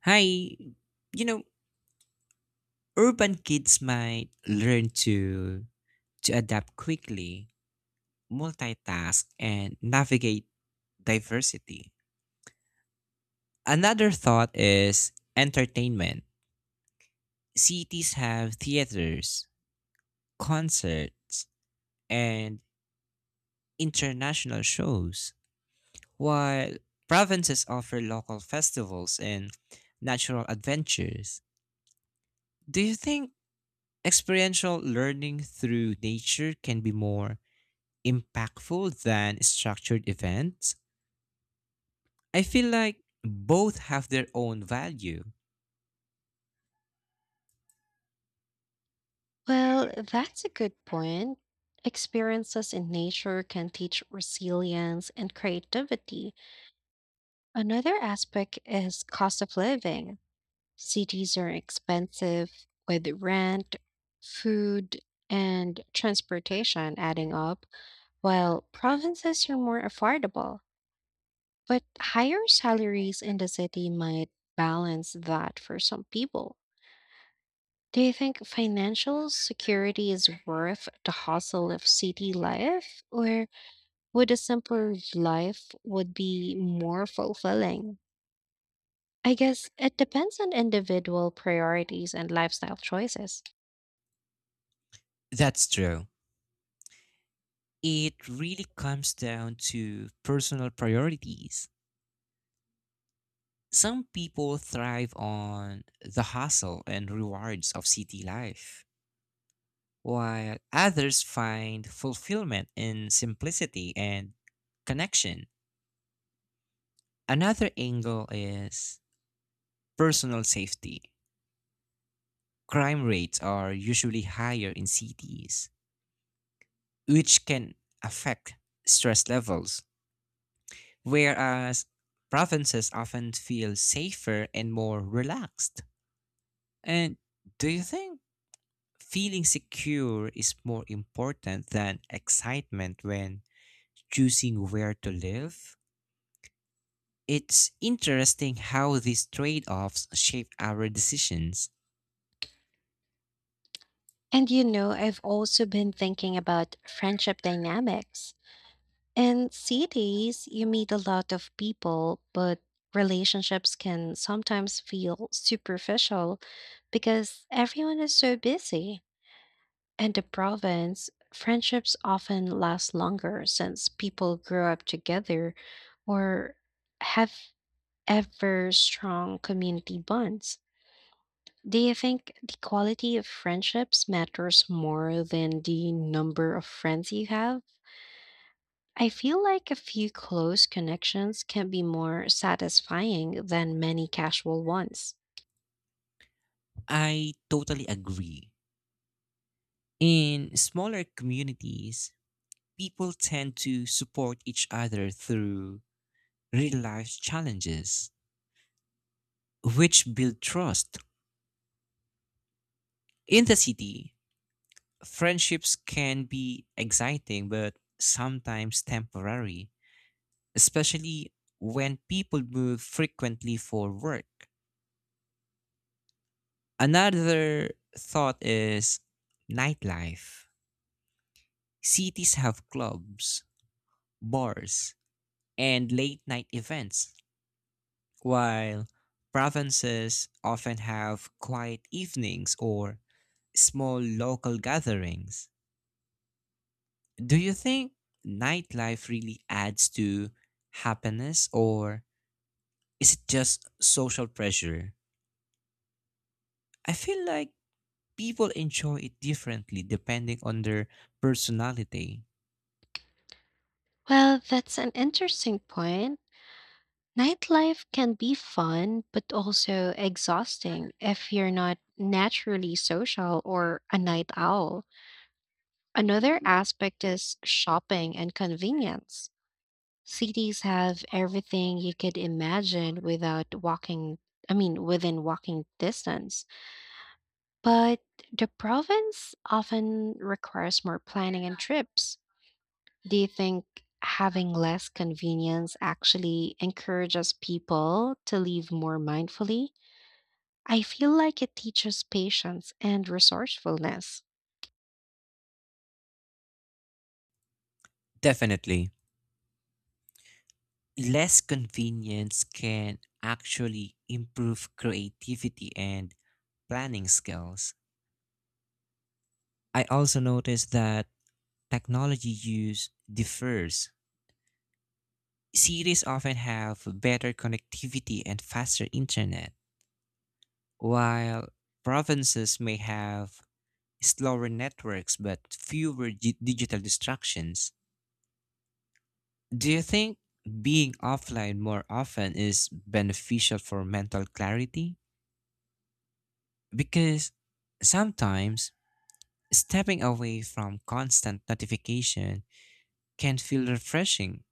Hi, urban kids might learn to adapt quickly, multitask and navigate diversity. Another thought is entertainment. Cities have theaters, concerts, and international shows, while provinces offer local festivals and natural adventures. Do you think experiential learning through nature can be more impactful than structured events? I feel like both have their own value. Well, that's a good point. Experiences in nature can teach resilience and creativity. Another aspect is cost of living. Cities are expensive with rent, food, and transportation adding up, while provinces are more affordable. But higher salaries in the city might balance that for some people. Do you think financial security is worth the hustle of city life, or would a simpler life would be more fulfilling? I guess it depends on individual priorities and lifestyle choices. That's true. It really comes down to personal priorities. Some people thrive on the hustle and rewards of city life, while others find fulfillment in simplicity and connection. Another angle is personal safety. Crime rates are usually higher in cities, which can affect stress levels, whereas provinces often feel safer and more relaxed. And do you think feeling secure is more important than excitement when choosing where to live? It's interesting how these trade offs shape our decisions. And you know, I've also been thinking about friendship dynamics. In cities, you meet a lot of people, but relationships can sometimes feel superficial because everyone is so busy. In the province, friendships often last longer since people grow up together or have ever strong community bonds. Do you think the quality of friendships matters more than the number of friends you have? I feel like a few close connections can be more satisfying than many casual ones. I totally agree. In smaller communities, people tend to support each other through real life challenges, which build trust. In the city, friendships can be exciting but sometimes temporary, especially when people move frequently for work. Another thought is nightlife. Cities have clubs, bars, and late night events, while provinces often have quiet evenings or small local gatherings. Do you think nightlife really adds to happiness, or is it just social pressure? I feel like people enjoy it differently depending on their personality. Well, that's an interesting point. Nightlife can be fun, but also exhausting if you're not naturally social or a night owl. Another aspect is shopping and convenience. Cities have everything you could imagine without walking, I mean, within walking distance. But the province often requires more planning and trips. Do you think having less convenience actually encourages people to live more mindfully? I feel like it teaches patience and resourcefulness. Definitely. Less convenience can actually improve creativity and planning skills. I also noticed that technology use differs. Cities often have better connectivity and faster internet, while provinces may have slower networks but fewer digital distractions. Do you think being offline more often is beneficial for mental clarity? Because sometimes stepping away from constant notification can feel refreshing.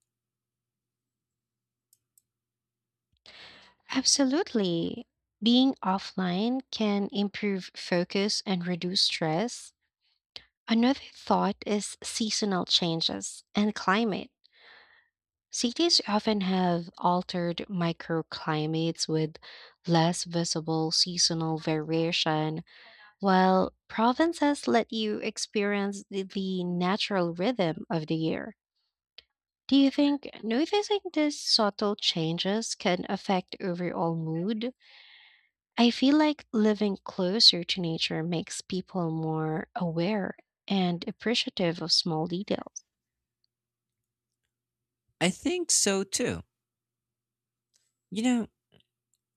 Absolutely. Being offline can improve focus and reduce stress. Another thought is seasonal changes and climate. Cities often have altered microclimates with less visible seasonal variation, while provinces let you experience the natural rhythm of the year. Do you think noticing these subtle changes can affect overall mood? I feel like living closer to nature makes people more aware and appreciative of small details. I think so too. You know,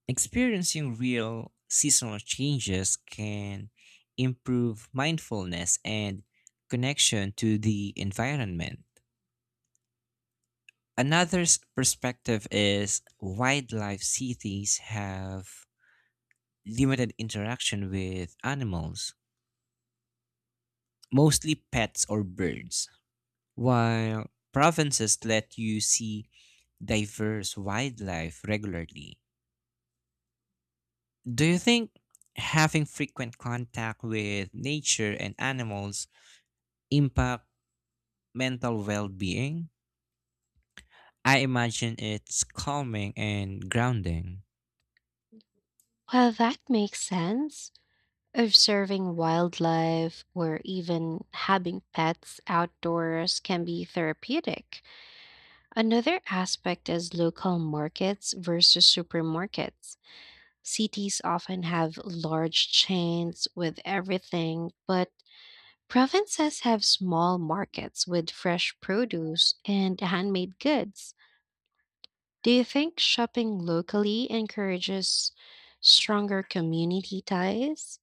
Experiencing real seasonal changes can improve mindfulness and connection to the environment. Another perspective is wildlife. Cities have limited interaction with animals, mostly pets or birds, while provinces let you see diverse wildlife regularly. Do you think having frequent contact with nature and animals impact mental well-being? I imagine it's calming and grounding. Well, that makes sense. Observing wildlife or even having pets outdoors can be therapeutic. Another aspect is local markets versus supermarkets. Cities often have large chains with everything, but provinces have small markets with fresh produce and handmade goods. Do you think shopping locally encourages stronger community ties?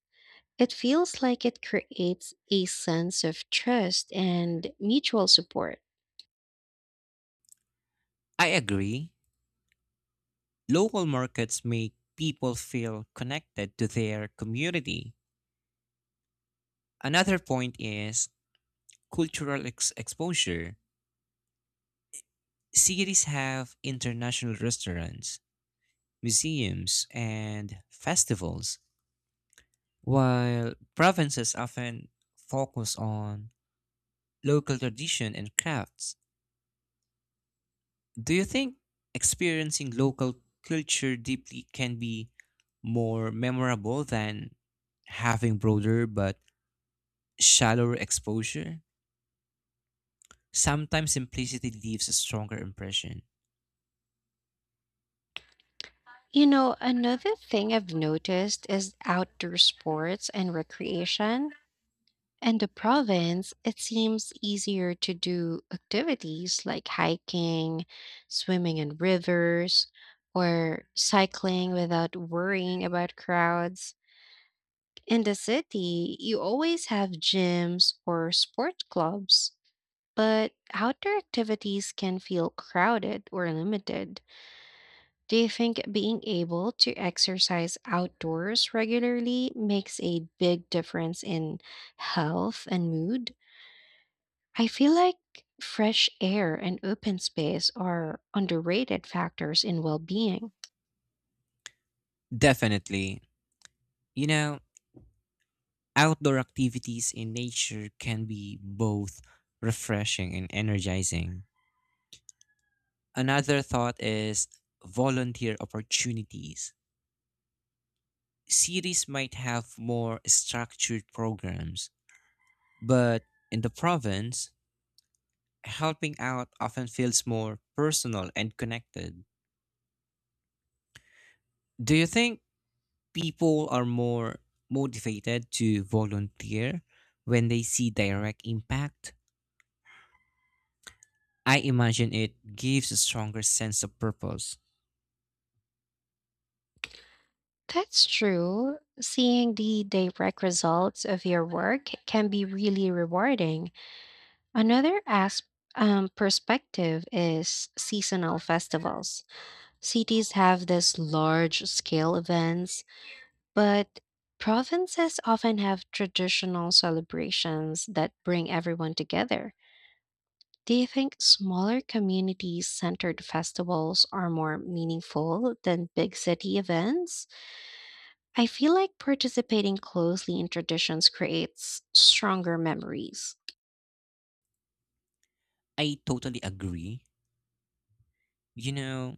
It feels like it creates a sense of trust and mutual support. I agree. Local markets make people feel connected to their community. Another point is cultural exposure. Cities have international restaurants, museums, and festivals, while provinces often focus on local tradition and crafts. Do you think experiencing local culture deeply can be more memorable than having broader but shallower exposure? Sometimes simplicity leaves a stronger impression. You know, another thing I've noticed is outdoor sports and recreation. In the province, it seems easier to do activities like hiking, swimming in rivers, or cycling without worrying about crowds. In the city, you always have gyms or sport clubs, but outdoor activities can feel crowded or limited. Do you think being able to exercise outdoors regularly makes a big difference in health and mood? I feel like fresh air and open space are underrated factors in well being. Definitely. You know, outdoor activities in nature can be both refreshing and energizing. Another thought is volunteer opportunities. Cities might have more structured programs, but in the province, helping out often feels more personal and connected. Do you think people are more motivated to volunteer when they see direct impact? I imagine it gives a stronger sense of purpose. That's true. Seeing the direct results of your work can be really rewarding. Another aspect perspective is seasonal festivals. Cities have these large scale events, but provinces often have traditional celebrations that bring everyone together. Do you think smaller community centered festivals are more meaningful than big city events? I feel like participating closely in traditions creates stronger memories. I totally agree. You know,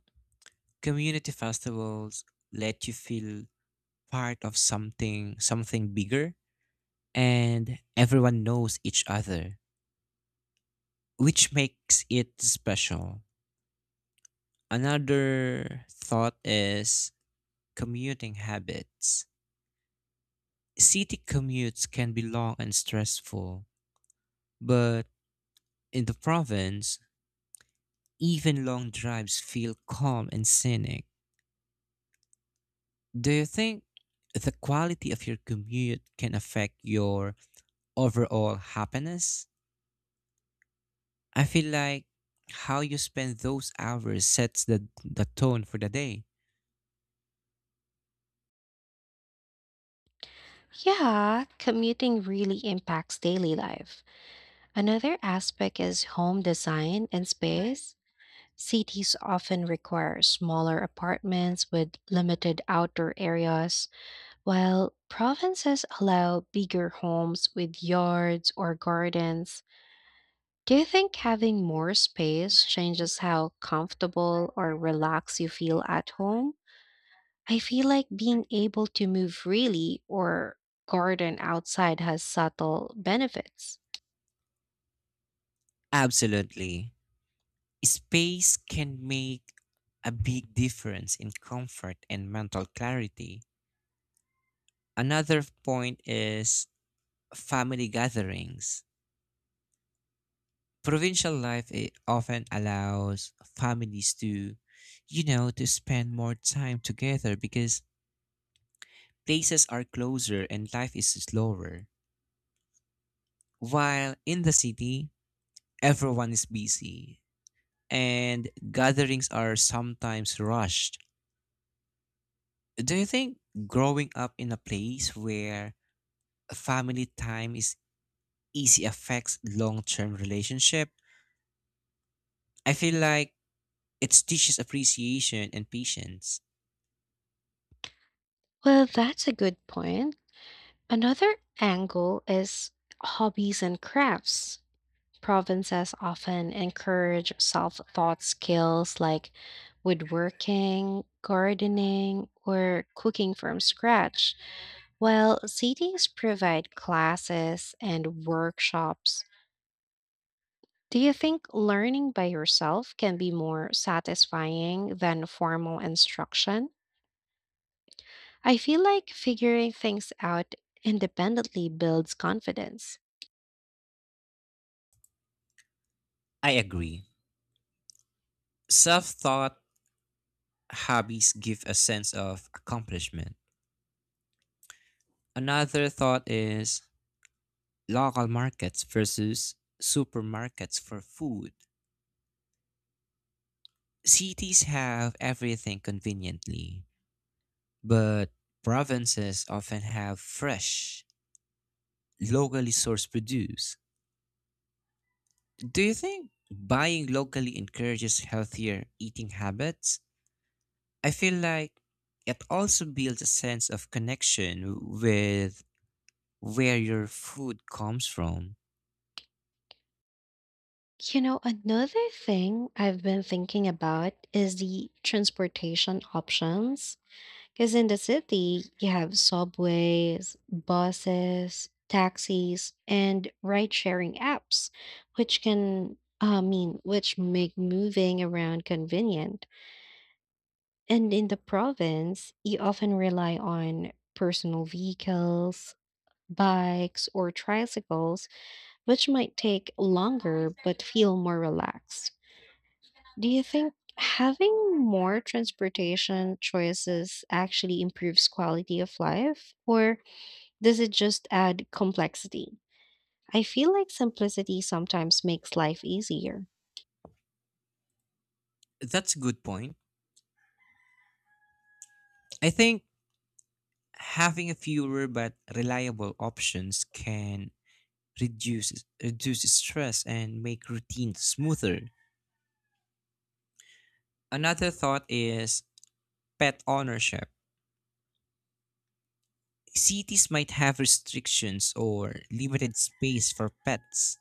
community festivals let you feel part of something bigger, and everyone knows each other, which makes it special. Another thought is commuting habits. City commutes can be long and stressful, but in the province, even long drives feel calm and scenic. Do you think the quality of your commute can affect your overall happiness? I feel like how you spend those hours sets the tone for the day. Yeah, commuting really impacts daily life. Another aspect is home design and space. Cities often require smaller apartments with limited outdoor areas, while provinces allow bigger homes with yards or gardens. Do you think having more space changes how comfortable or relaxed you feel at home? I feel like being able to move freely or garden outside has subtle benefits. Absolutely. Space can make a big difference in comfort and mental clarity. Another point is family gatherings. Provincial life it often allows families to, to spend more time together because places are closer and life is slower. While in the city, everyone is busy and gatherings are sometimes rushed. Do you think growing up in a place where family time is easy affects long-term relationship? I feel like it teaches appreciation and patience. Well, that's a good point. Another angle is hobbies and crafts. Provinces often encourage self taught skills like woodworking, gardening, or cooking from scratch, while cities provide classes and workshops. Do you think learning by yourself can be more satisfying than formal instruction? I feel like figuring things out independently builds confidence. I agree. Self thought hobbies give a sense of accomplishment. Another thought is local markets versus supermarkets for food. Cities have everything conveniently, but provinces often have fresh, locally sourced produce. Do you think buying locally encourages healthier eating habits? I feel like it also builds a sense of connection with where your food comes from. You know, another thing I've been thinking about is the transportation options. Because in the city, you have subways, buses, taxis, and ride sharing apps, I mean, which make moving around convenient. And in the province, you often rely on personal vehicles, bikes, or tricycles, which might take longer but feel more relaxed. Do you think having more transportation choices actually improves quality of life, or does it just add complexity? I feel like simplicity sometimes makes life easier. That's a good point. I think having a fewer but reliable options can reduce reduce stress and make routines smoother. Another thought is pet ownership. Cities might have restrictions or limited space for pets,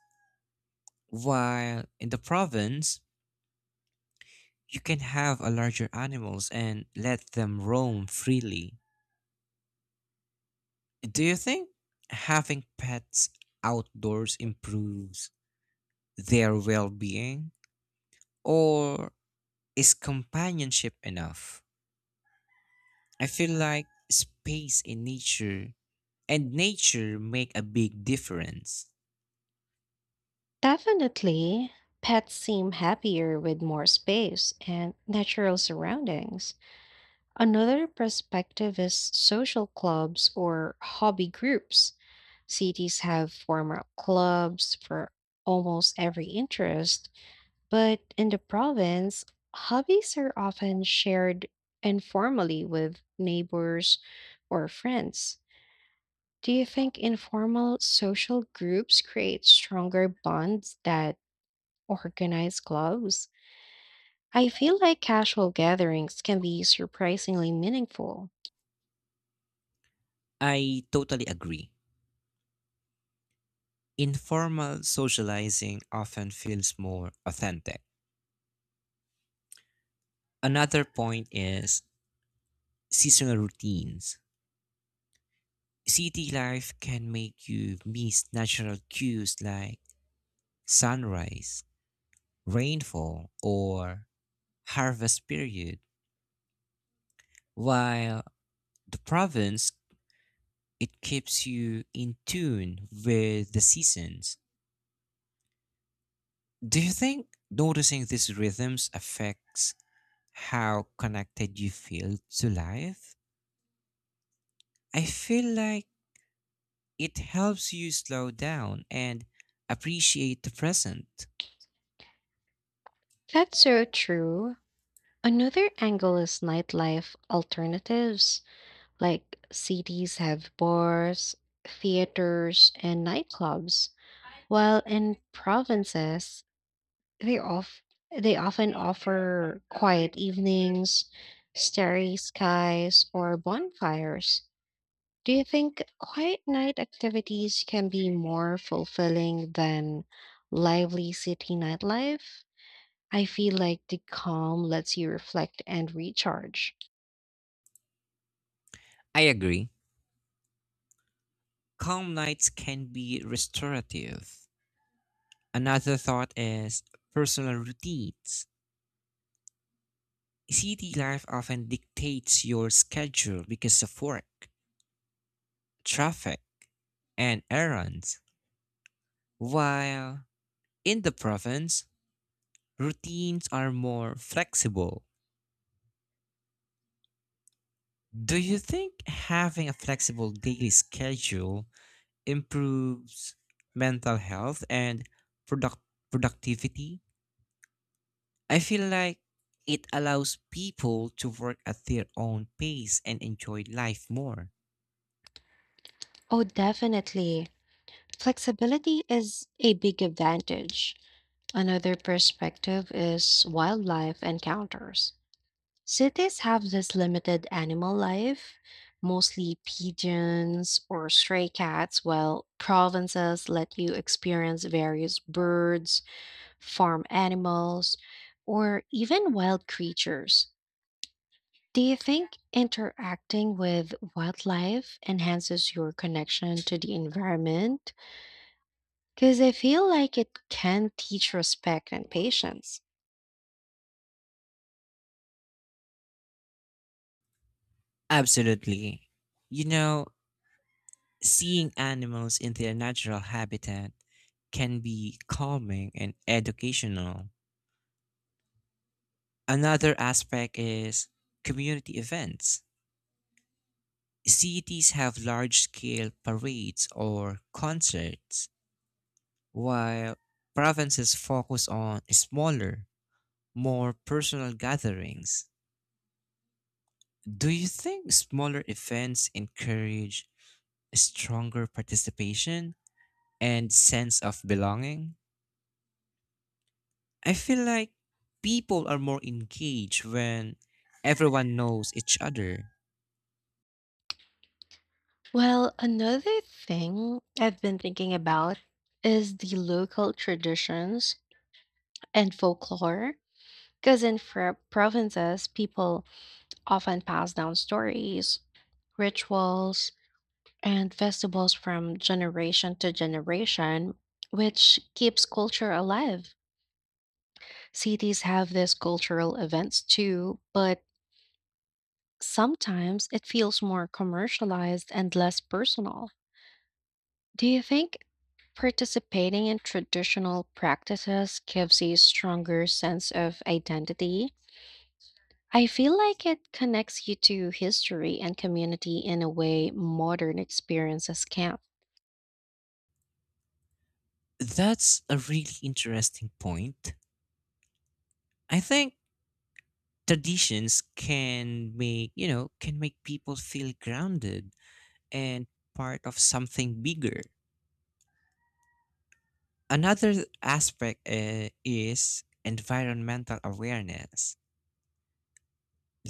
while in the province, you can have a larger animals and let them roam freely. Do you think having pets outdoors improves their well-being? Or is companionship enough? I feel like space in nature and nature make a big difference. Definitely, pets seem happier with more space and natural surroundings. Another perspective is social clubs or hobby groups. Cities have formal clubs for almost every interest, but in the province, hobbies are often shared informally with neighbors or friends. Do you think informal social groups create stronger bonds than organized clubs? I feel like casual gatherings can be surprisingly meaningful. I totally agree. Informal socializing often feels more authentic. Another point is seasonal routines. City life can make you miss natural cues like sunrise, rainfall, or harvest period, while the province it keeps you in tune with the seasons. Do you think noticing these rhythms affects how connected you feel to life? I feel like it helps you slow down and appreciate the present. That's so true. Another angle is nightlife alternatives, like cities have bars, theaters, and nightclubs, while in provinces, they off they often offer quiet evenings, starry skies, or bonfires. Do you think quiet night activities can be more fulfilling than lively city nightlife? I feel like the calm lets you reflect and recharge. I agree. Calm nights can be restorative. Another thought is personal routines. City life often dictates your schedule because of work, traffic, and errands, while in the province, routines are more flexible. Do you think having a flexible daily schedule improves mental health and product- productivity? I feel like it allows people to work at their own pace and enjoy life more. Oh, definitely. Flexibility is a big advantage. Another perspective is wildlife encounters. Cities have this limited animal life, mostly pigeons or stray cats, while provinces let you experience various birds, farm animals, or even wild creatures. Do you think interacting with wildlife enhances your connection to the environment? Because I feel like it can teach respect and patience. Absolutely. You know, seeing animals in their natural habitat can be calming and educational. Another aspect is community events. Cities have large scale parades or concerts, while provinces focus on smaller, more personal gatherings. Do you think smaller events encourage stronger participation and sense of belonging? I feel like people are more engaged when everyone knows each other. Well, another thing I've been thinking about is the local traditions and folklore. Because provinces, people often pass down stories, rituals, and festivals from generation to generation, which keeps culture alive. Cities have these cultural events too, but sometimes it feels more commercialized and less personal. Do you think participating in traditional practices gives a stronger sense of identity? I feel like it connects you to history and community in a way modern experiences can't. That's a really interesting point. I think traditions can make, can make people feel grounded and part of something bigger. Another aspect is environmental awareness.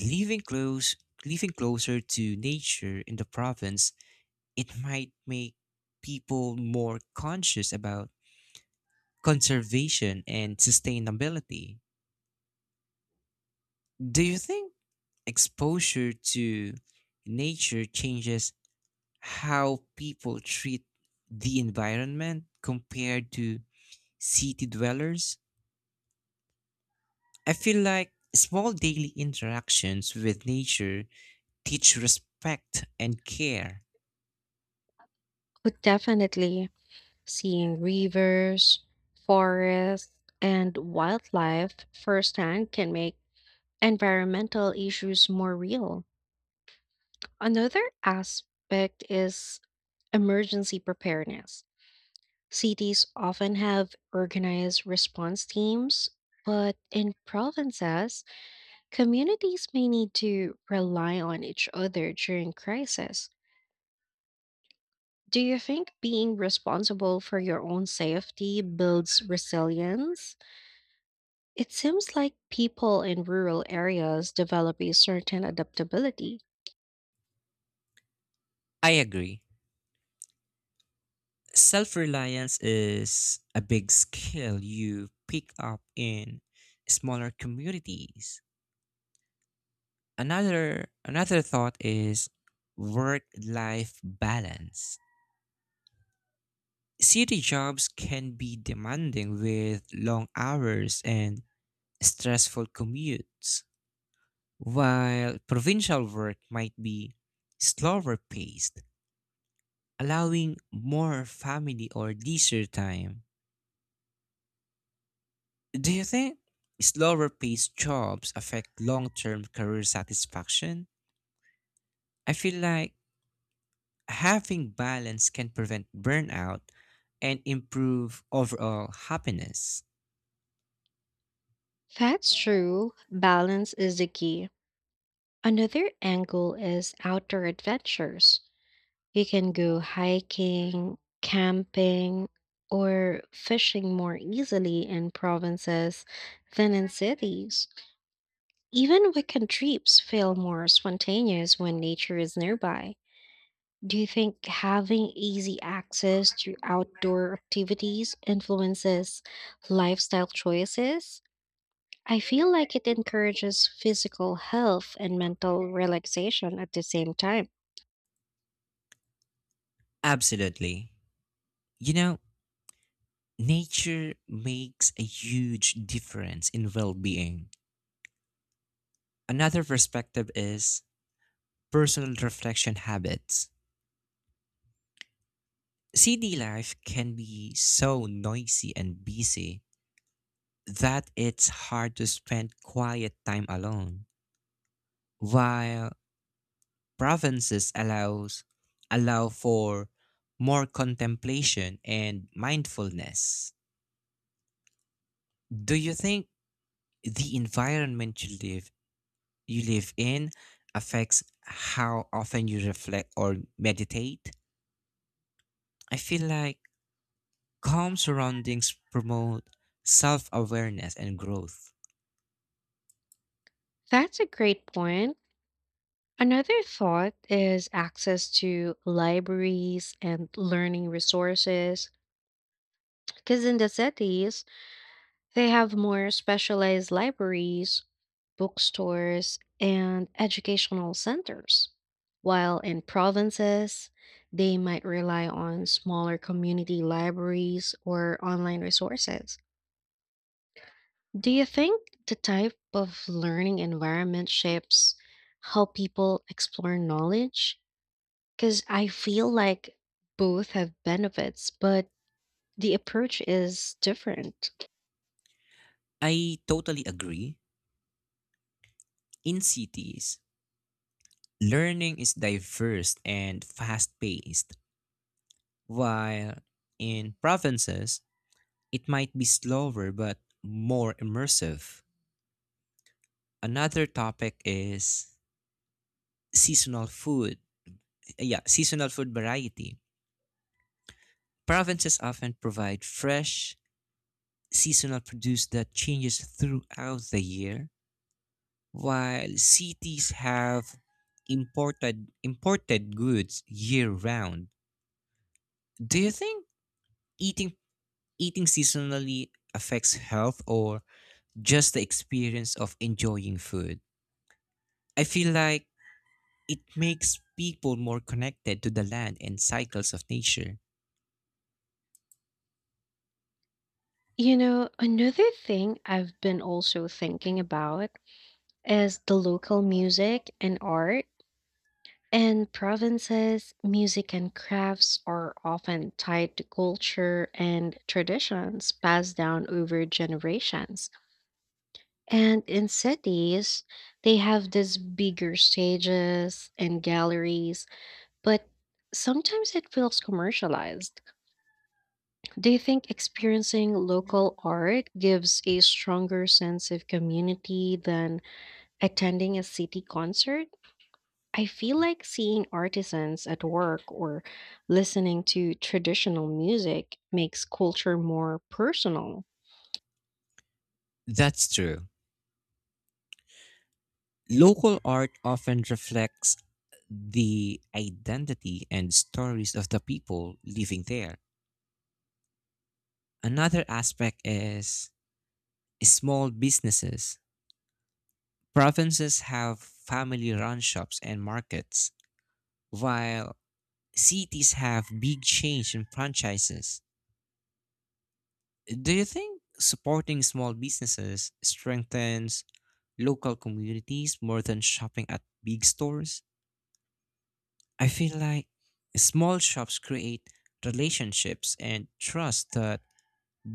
Living close, living closer to nature in the province, it might make people more conscious about conservation and sustainability. Do you think exposure to nature changes how people treat the environment compared to city dwellers? I feel like small daily interactions with nature teach respect and care. But definitely, seeing rivers, forests, and wildlife firsthand can make environmental issues more real. Another aspect is emergency preparedness. Cities often have organized response teams, but in provinces, communities may need to rely on each other during crisis. Do you think being responsible for your own safety builds resilience? It seems like people in rural areas develop a certain adaptability. I agree. Self reliance is a big skill you pick up in smaller communities. Another thought is work life balance. City jobs can be demanding with long hours and stressful commutes, while provincial work might be slower paced, allowing more family or leisure time. Do you think slower paced jobs affect long term career satisfaction? I feel like having balance can prevent burnout and improve overall happiness. That's true. Balance is the key. Another angle is outdoor adventures. You can go hiking, camping, or fishing more easily in provinces than in cities. Even weekend trips feel more spontaneous when nature is nearby. Do you think having easy access to outdoor activities influences lifestyle choices? I feel like it encourages physical health and mental relaxation at the same time. Absolutely. You know, nature makes a huge difference in well being. Another perspective is personal reflection habits. City life can be so noisy and busy that it's hard to spend quiet time alone, while provinces allows allow for more contemplation and mindfulness. Do you think the environment you live in affects how often you reflect or meditate? I feel like calm surroundings promote self-awareness and growth. That's a great point. Another thought is access to libraries and learning resources. Because in the cities, they have more specialized libraries, bookstores, and educational centers. While in provinces, they might rely on smaller community libraries or online resources. Do you think the type of learning environment shapes how people explore knowledge? Because I feel like both have benefits, but the approach is different. I totally agree. In cities, learning is diverse and fast paced, while in provinces, it might be slower but more immersive. Another topic is seasonal food. Yeah, seasonal food variety. Provinces often provide fresh, seasonal produce that changes throughout the year, while cities have imported goods year round. Do you think eating eating seasonally affects health or just the experience of enjoying food? I feel like it makes people more connected to the land and cycles of nature. You know, another thing I've been also thinking about is the local music and art. In provinces, music and crafts are often tied to culture and traditions passed down over generations. And in cities, they have these bigger stages and galleries, but sometimes it feels commercialized. Do you think experiencing local art gives a stronger sense of community than attending a city concert? I feel like seeing artisans at work or listening to traditional music makes culture more personal. That's true. Local art often reflects the identity and stories of the people living there. Another aspect is small businesses. Provinces have family run shops and markets, while cities have big change in franchises. Do you think supporting small businesses strengthens local communities more than shopping at big stores? I feel like small shops create relationships and trust that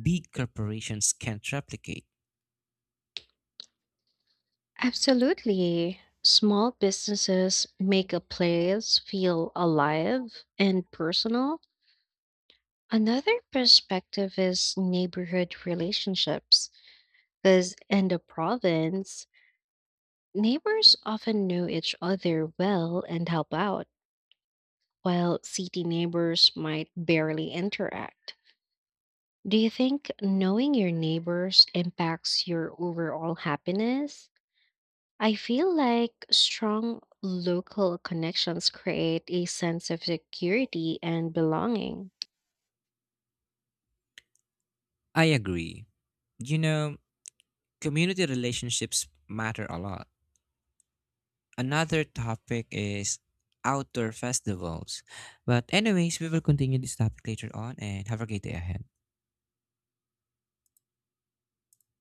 big corporations can't replicate. Absolutely. Small businesses make a place feel alive and personal. Another perspective is neighborhood relationships, because in the province, neighbors often know each other well and help out, while city neighbors might barely interact. Do you think knowing your neighbors impacts your overall happiness? I feel like strong local connections create a sense of security and belonging. I agree. You know, community relationships matter a lot. Another topic is outdoor festivals. But anyways, we will continue this topic later on and have a great day ahead.